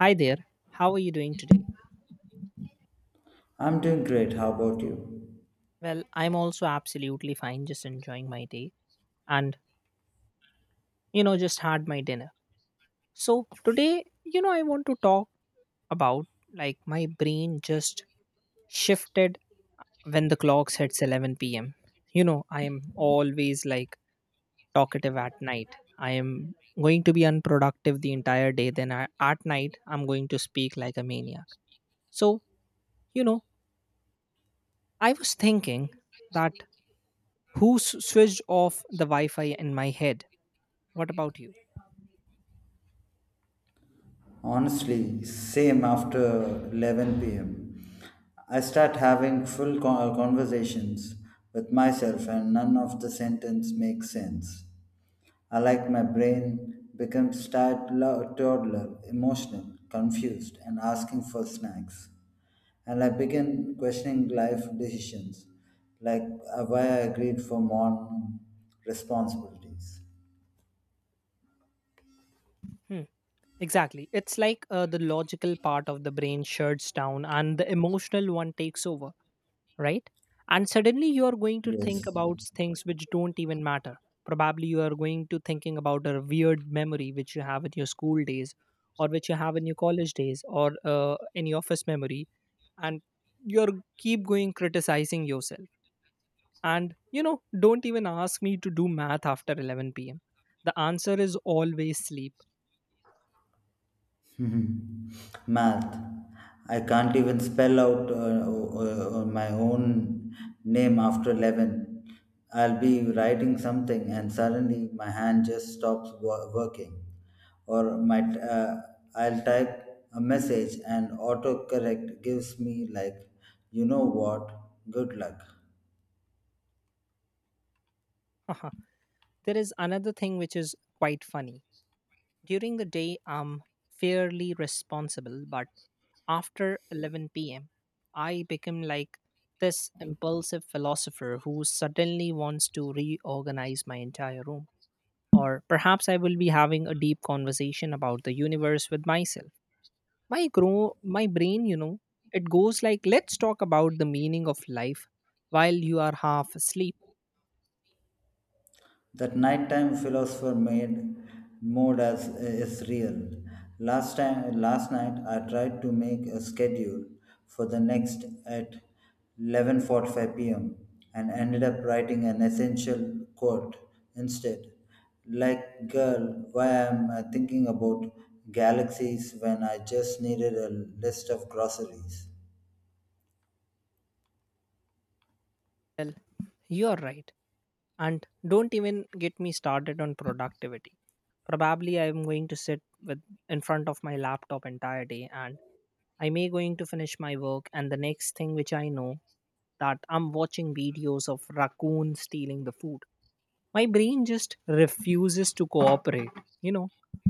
Hi there. How are you doing today? I'm doing great. How about you? Well, I'm also absolutely fine, just enjoying my day and just had my dinner. So, today, I want to talk about like my brain just shifted when the clocks hits 11 p.m. I am always like talkative at night. I am going to be unproductive the entire day. Then at night, I'm going to speak like a maniac. So, you know, I was thinking that who switched off the Wi Fi in my head? What about you? Honestly, same after 11 pm. I start having full conversations with myself, and none of the sentence makes sense. I like my brain becomes toddler, toddler, emotional, confused, and asking for snacks. And I begin questioning life decisions, like why I agreed for more responsibilities. Hmm. Exactly. It's like the logical part of the brain shuts down and the emotional one takes over, right? And suddenly you are going to think Yes. about things which don't even matter. Probably you are going to thinking about a weird memory which you have in your school days or which you have in your college days or any office memory, and you're keep going criticizing yourself. And don't even ask me to do math after 11 p.m. The answer is always sleep. Hmm. Math. I can't even spell out my own name after 11. I'll be writing something and suddenly my hand just stops working. Or I'll type a message and autocorrect gives me, like, you know what, good luck. There is another thing which is quite funny. During the day, I'm fairly responsible, but after 11 p.m., I become like this impulsive philosopher who suddenly wants to reorganize my entire room. Or perhaps I will be having a deep conversation about the universe with myself. My brain, it goes like, let's talk about the meaning of life while you are half asleep. That nighttime philosopher made mode as is real. Last night, I tried to make a schedule for the next at 11:45 p.m. and ended up writing an essential quote instead. Like, girl, why am I thinking about galaxies when I just needed a list of groceries? Well, you are right. And don't even get me started on productivity. Probably I am going to sit with in front of my laptop entire day, and I may going to finish my work, and the next thing which I know, that I'm watching videos of raccoon stealing the food. My brain just refuses to cooperate, you know.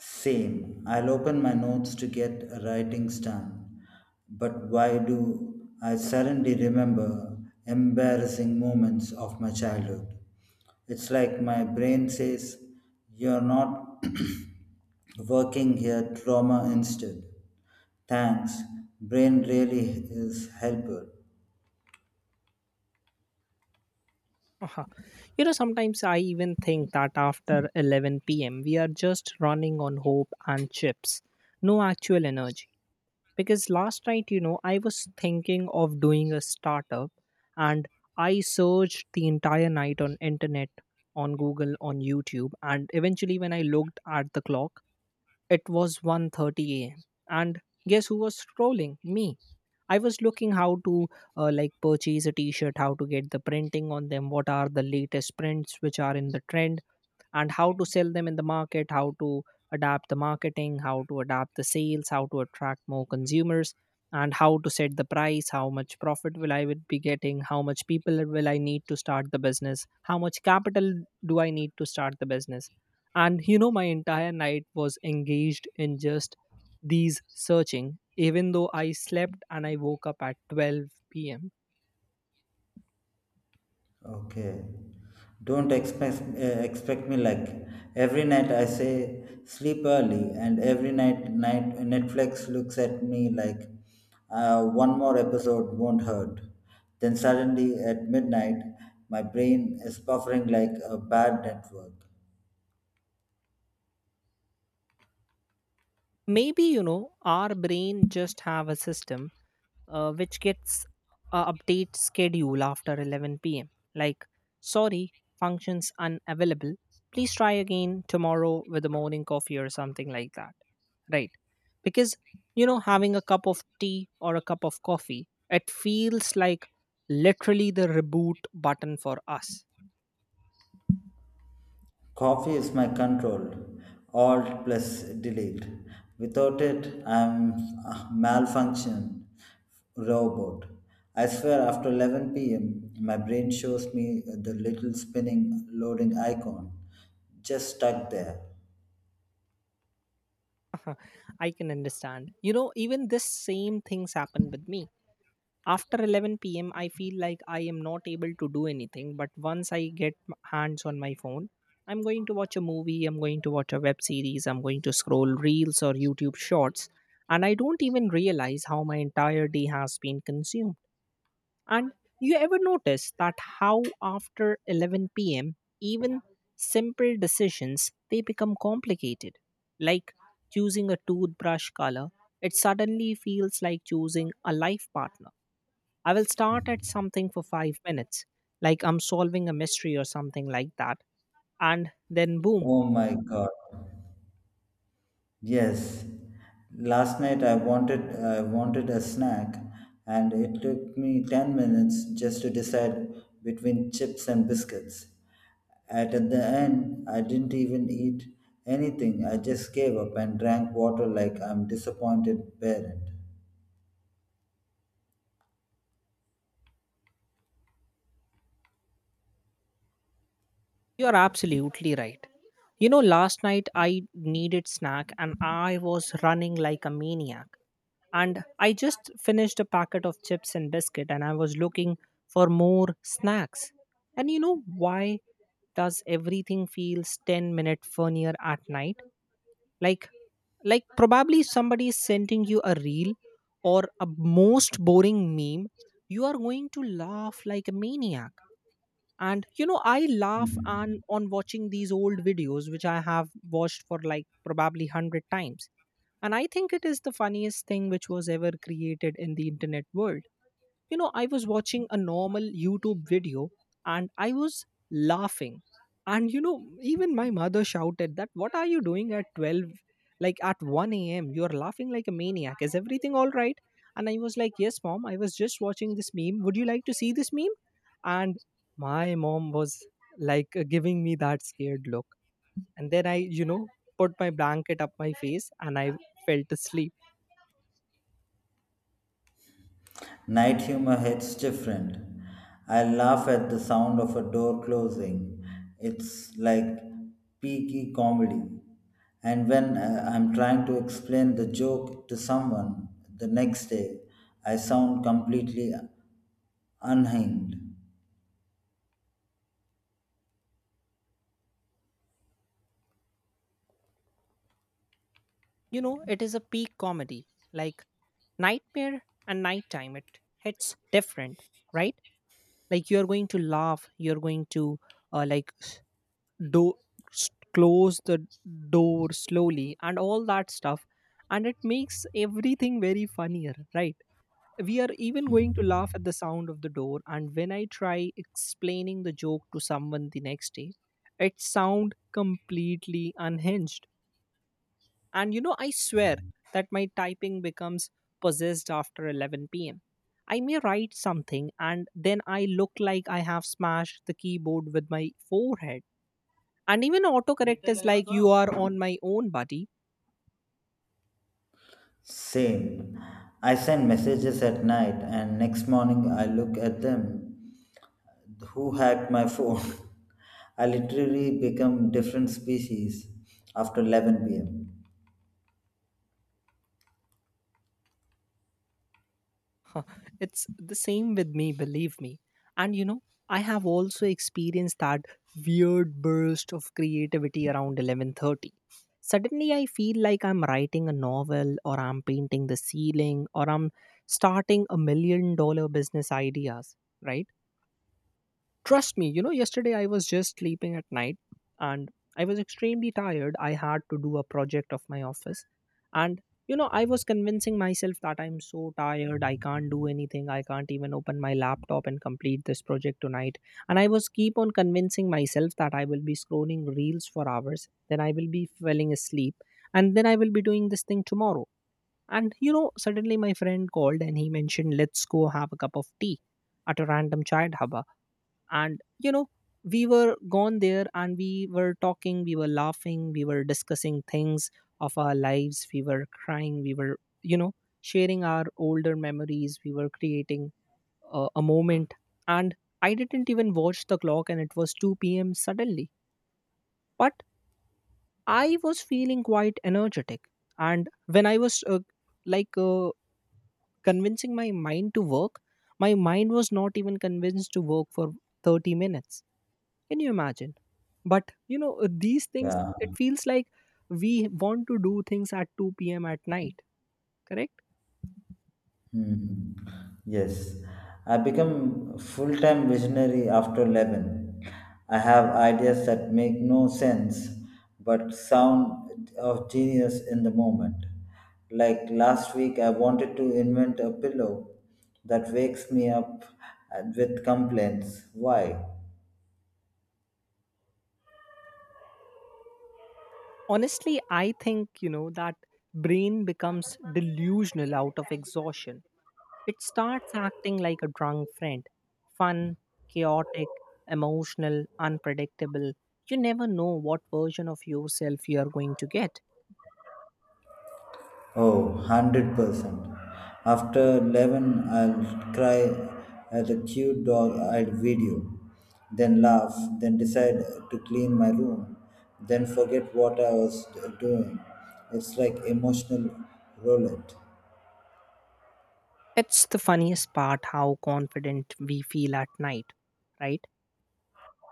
Same. I'll open my notes to get writings done. But why do I suddenly remember embarrassing moments of my childhood? It's like my brain says, "You're not working here, trauma instead." Thanks. Brain really is helper. Uh-huh. Sometimes I even think that after 11 p.m., we are just running on hope and chips, no actual energy. Because last night, I was thinking of doing a startup, and I searched the entire night on internet, on google, on youtube, and eventually when I looked at the clock, it was 1:30 a.m. And guess who was scrolling me. I was looking how to like purchase a t-shirt, how to get the printing on them, what are the latest prints which are in the trend, and how to sell them in the market, how to adapt the marketing, how to adapt the sales, how to attract more consumers, and how to set the price, how much profit will I would be getting, how much people will I need to start the business, how much capital do I need to start the business. And my entire night was engaged in just these searching, even though I slept and I woke up at 12 p.m. Okay. Don't expect expect me like every night I say sleep early, and every night Netflix looks at me like one more episode won't hurt. Then suddenly at midnight, my brain is buffering like a bad network. Maybe our brain just have a system, which gets a update schedule after 11 p.m., like, sorry, functions unavailable, please try again tomorrow with the morning coffee or something like that, right? Because having a cup of tea or a cup of coffee, it feels like literally the reboot button for us. Coffee is my control. Alt plus delete. Without it, I'm a malfunction robot. I swear, after 11 p.m., my brain shows me the little spinning loading icon just stuck there. I can understand. Even this same things happen with me. After 11 p.m., I feel like I am not able to do anything. But once I get hands on my phone, I'm going to watch a movie, I'm going to watch a web series, I'm going to scroll reels or YouTube shorts. And I don't even realize how my entire day has been consumed. And you ever notice that how after 11 p.m., even simple decisions, they become complicated. Like choosing a toothbrush color, it suddenly feels like choosing a life partner. I will start at something for 5 minutes, like I'm solving a mystery or something like that. And then boom, Oh my god. Yes, last night I wanted a snack, and it took me ten minutes just to decide between chips and biscuits. At the end, I didn't even eat anything. I just gave up and drank water like I'm disappointed parent. you're absolutely right. You know, last night I needed snack and I was running like a maniac. And I just finished a packet of chips and biscuit, and I was looking for more snacks. And you know why does everything feels 10-minute funnier at night? Like like probably somebody is sending you a reel or a most boring meme, you are going to laugh like a maniac. And you know, I laugh on Mhm. on watching these old videos which I have watched for like probably 100 times, and I think it is the funniest thing which was ever created in the internet world. You know, I was watching a normal YouTube video and I was laughing. And even my mother shouted that, What are you doing at 12? Like at 1 a.m., you're laughing like a maniac. Is everything all right? And I was like, Yes, mom, I was just watching this meme. Would you like to see this meme? And my mom was like giving me that scared look. And then I, put my blanket up my face and I fell to sleep. Night humor hits different. I laugh at the sound of a door closing. It's like peaky comedy. And when I'm trying to explain the joke to someone the next day, I sound completely unhinged. It is a peak comedy. Like, Nightmare and nighttime, it hits different, right? Like you're going to laugh, you're going to like do close the door slowly and all that stuff, and it makes everything very funnier, right? We are even going to laugh at the sound of the door, and when I try explaining the joke to someone the next day, it sound completely unhinged. And I swear that my typing becomes possessed after 11 p.m. I may write something and then I look like I have smashed the keyboard with my forehead. And even autocorrect is like, you are on my own, buddy. Same. I send messages at night and next morning I look at them. Who hacked my phone? I literally become different species after 11 p.m. Huh, it's the same with me, believe me. And I have also experienced that weird burst of creativity around 11:30. Suddenly I feel like I'm writing a novel or I'm painting the ceiling or I'm starting $1 million business ideas, right? Trust me, yesterday I was just sleeping at night and I was extremely tired. I had to do a project of my office. And I was convincing myself that I'm so tired. I can't do anything. I can't even open my laptop and complete this project tonight. And I was keep on convincing myself that I will be scrolling reels for hours. Then I will be falling asleep. And then I will be doing this thing tomorrow. And suddenly my friend called and he mentioned, let's go have a cup of tea at a random chai dhaba. And we were gone there, and we were talking, we were laughing, we were discussing things of our lives, we were crying, we were sharing our older memories, we were creating a moment. And I didn't even watch the clock, and it was 2 p.m. suddenly, but I was feeling quite energetic. And when I was like convincing my mind to work, my mind was not even convinced to work for 30 minutes. Can you imagine? But these things, Yeah. it feels like we want to do things at 2 p.m. at night, correct? Hmm. Yes, I become full-time visionary after 11. I have ideas that make no sense but sound of genius in the moment. Like last week, I wanted to invent a pillow that wakes me up with complaints. Why? Honestly, I think, that brain becomes delusional out of exhaustion. It starts acting like a drunk friend, fun, chaotic, emotional, unpredictable. You never know what version of yourself you are going to get. Oh, 100%. After 11, I'll cry at a cute dog eyed video, then laugh, then decide to clean my room, then forget what I was doing. It's like emotional roulette. It's the funniest part how confident we feel at night, right?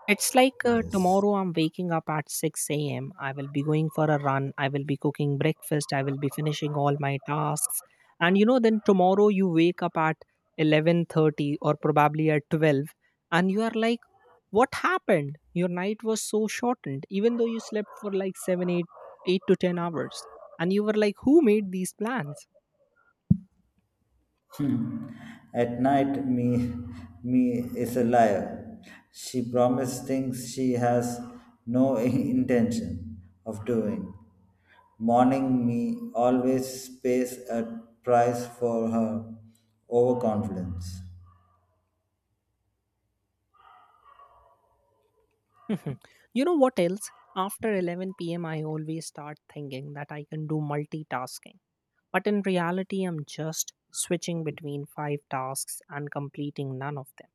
It's like Yes. tomorrow I'm waking up at 6 a.m. I will be going for a run. I will be cooking breakfast. I will be finishing all my tasks. And then tomorrow you wake up at 11:30 or probably at 12, and you are like what happened? Your night was so shortened even though you slept for like 7, 8, 8 to 10 hours. And you were like who made these plans? At night, me, me is a liar. She promises things she has no intention of doing. Morning, me always pays a price for her overconfidence. You know what else? After 11 p.m. I always start thinking that I can do multitasking. But in reality, I'm just switching between five tasks and completing none of them.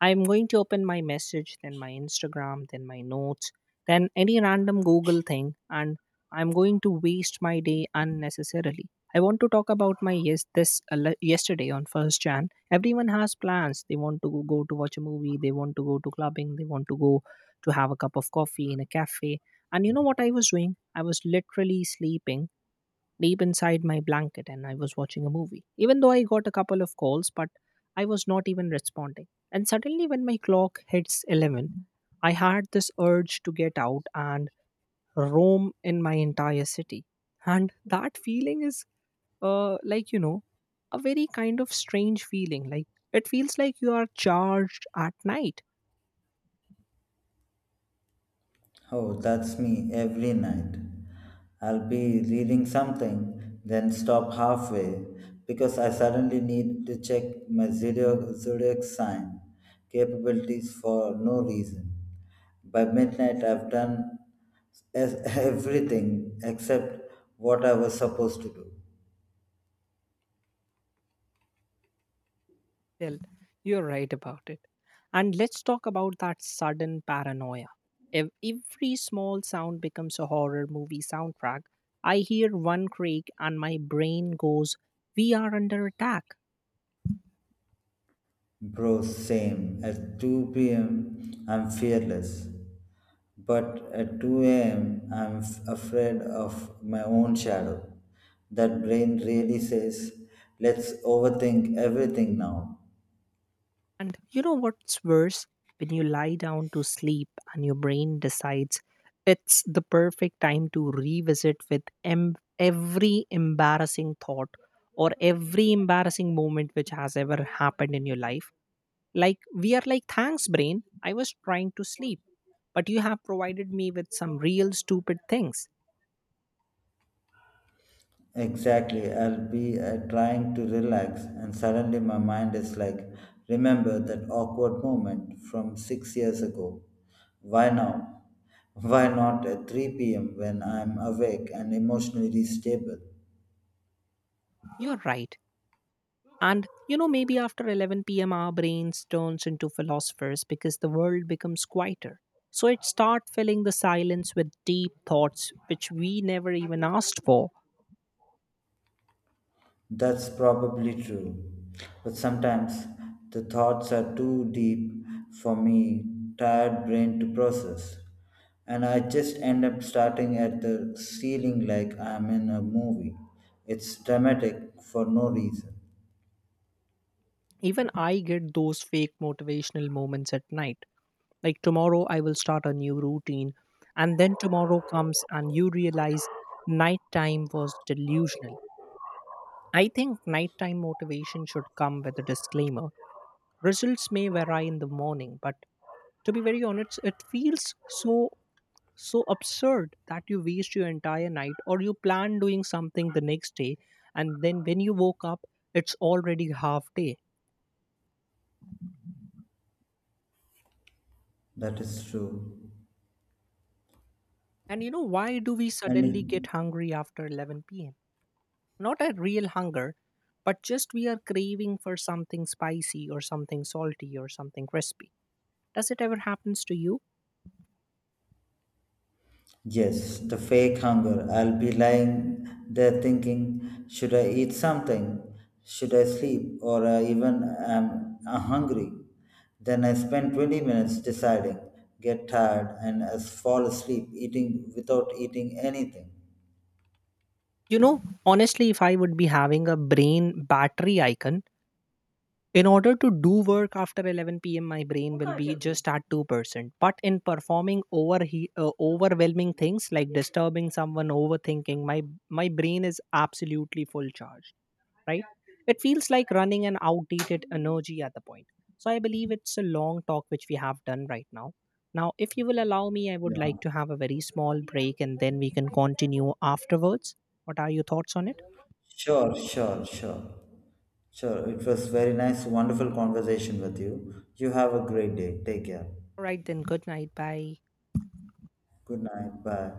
I'm going to open my message, then my Instagram, then my notes, then any random Google thing, and I'm going to waste my day unnecessarily. I want to talk about my yes this le- yesterday on first Jan. Everyone has plans. They want to go to watch a movie. They want to go to clubbing. They want to go to have a cup of coffee in a cafe. And you know what I was doing? I was literally sleeping deep inside my blanket, and I was watching a movie. Even though I got a couple of calls, but I was not even responding. And suddenly, when my clock hits 11, I had this urge to get out and roam in my entire city. And that feeling is like a very kind of strange feeling, like it feels like you are charged at night. Oh, that's me every night. I'll be reading something, then stop halfway because I suddenly need to check my zodiac sign capabilities for no reason. By midnight, I've done everything except what I was supposed to do. Well, you're right about it. And let's talk about that sudden paranoia. If every small sound becomes a horror movie soundtrack, I hear one creak and my brain goes, We are under attack. Bro, same. At 2 p.m., I'm fearless. But at 2 a.m., I'm afraid of my own shadow. That brain really says, let's overthink everything now. And you know what's worse? When you lie down to sleep and your brain decides it's the perfect time to revisit with every embarrassing thought or every embarrassing moment which has ever happened in your life. Like we are like, thanks, brain. I was trying to sleep, but you have provided me with some real stupid things. Exactly, I'll be trying to relax, and suddenly my mind is like, remember that awkward moment from six years ago. Why now? Why not at 3 p.m. when I'm awake and emotionally stable? You're right. And maybe after 11 p.m., our brains turns into philosophers because the world becomes quieter. So it starts filling the silence with deep thoughts which we never even asked for. That's probably true. But sometimes the thoughts are too deep for me tired brain to process. And I just end up starting at the ceiling like I'm in a movie. It's dramatic for no reason. Even I get those fake motivational moments at night. Like tomorrow, I will start a new routine. And then tomorrow comes and you realize nighttime was delusional. I think nighttime motivation should come with a disclaimer. Results may vary in the morning, but to be very honest, it feels so absurd that you waste your entire night or you plan doing something the next day, and then when you woke up, it's already half day. That is true. And why do we suddenly get And hungry after 11 p.m.? Not a real hunger, but just we are craving for something spicy or something salty or something crispy. Does it ever happens to you? yes, the fake hunger. I'll be lying there thinking, should I eat something? Should I sleep? Or I even am hungry? Then I spend 20 minutes deciding, get tired, and fall asleep eating without eating anything. Honestly, if I would be having a brain battery icon, in order to do work after 11 p.m., my brain will be just at 2%. But in performing overwhelming things like disturbing someone, overthinking, my brain is absolutely full charge. Right? It feels like running an outdated energy at the point. So I believe it's a long talk which we have done right now. Now, if you will allow me, I would Yeah. like to have a very small break, and then we can continue afterwards. What are your thoughts on it? Sure, sure, sure. Sure. It was very nice, wonderful conversation with you. You have a great day. Take care. All right, then, good night. Bye. Good night. Bye.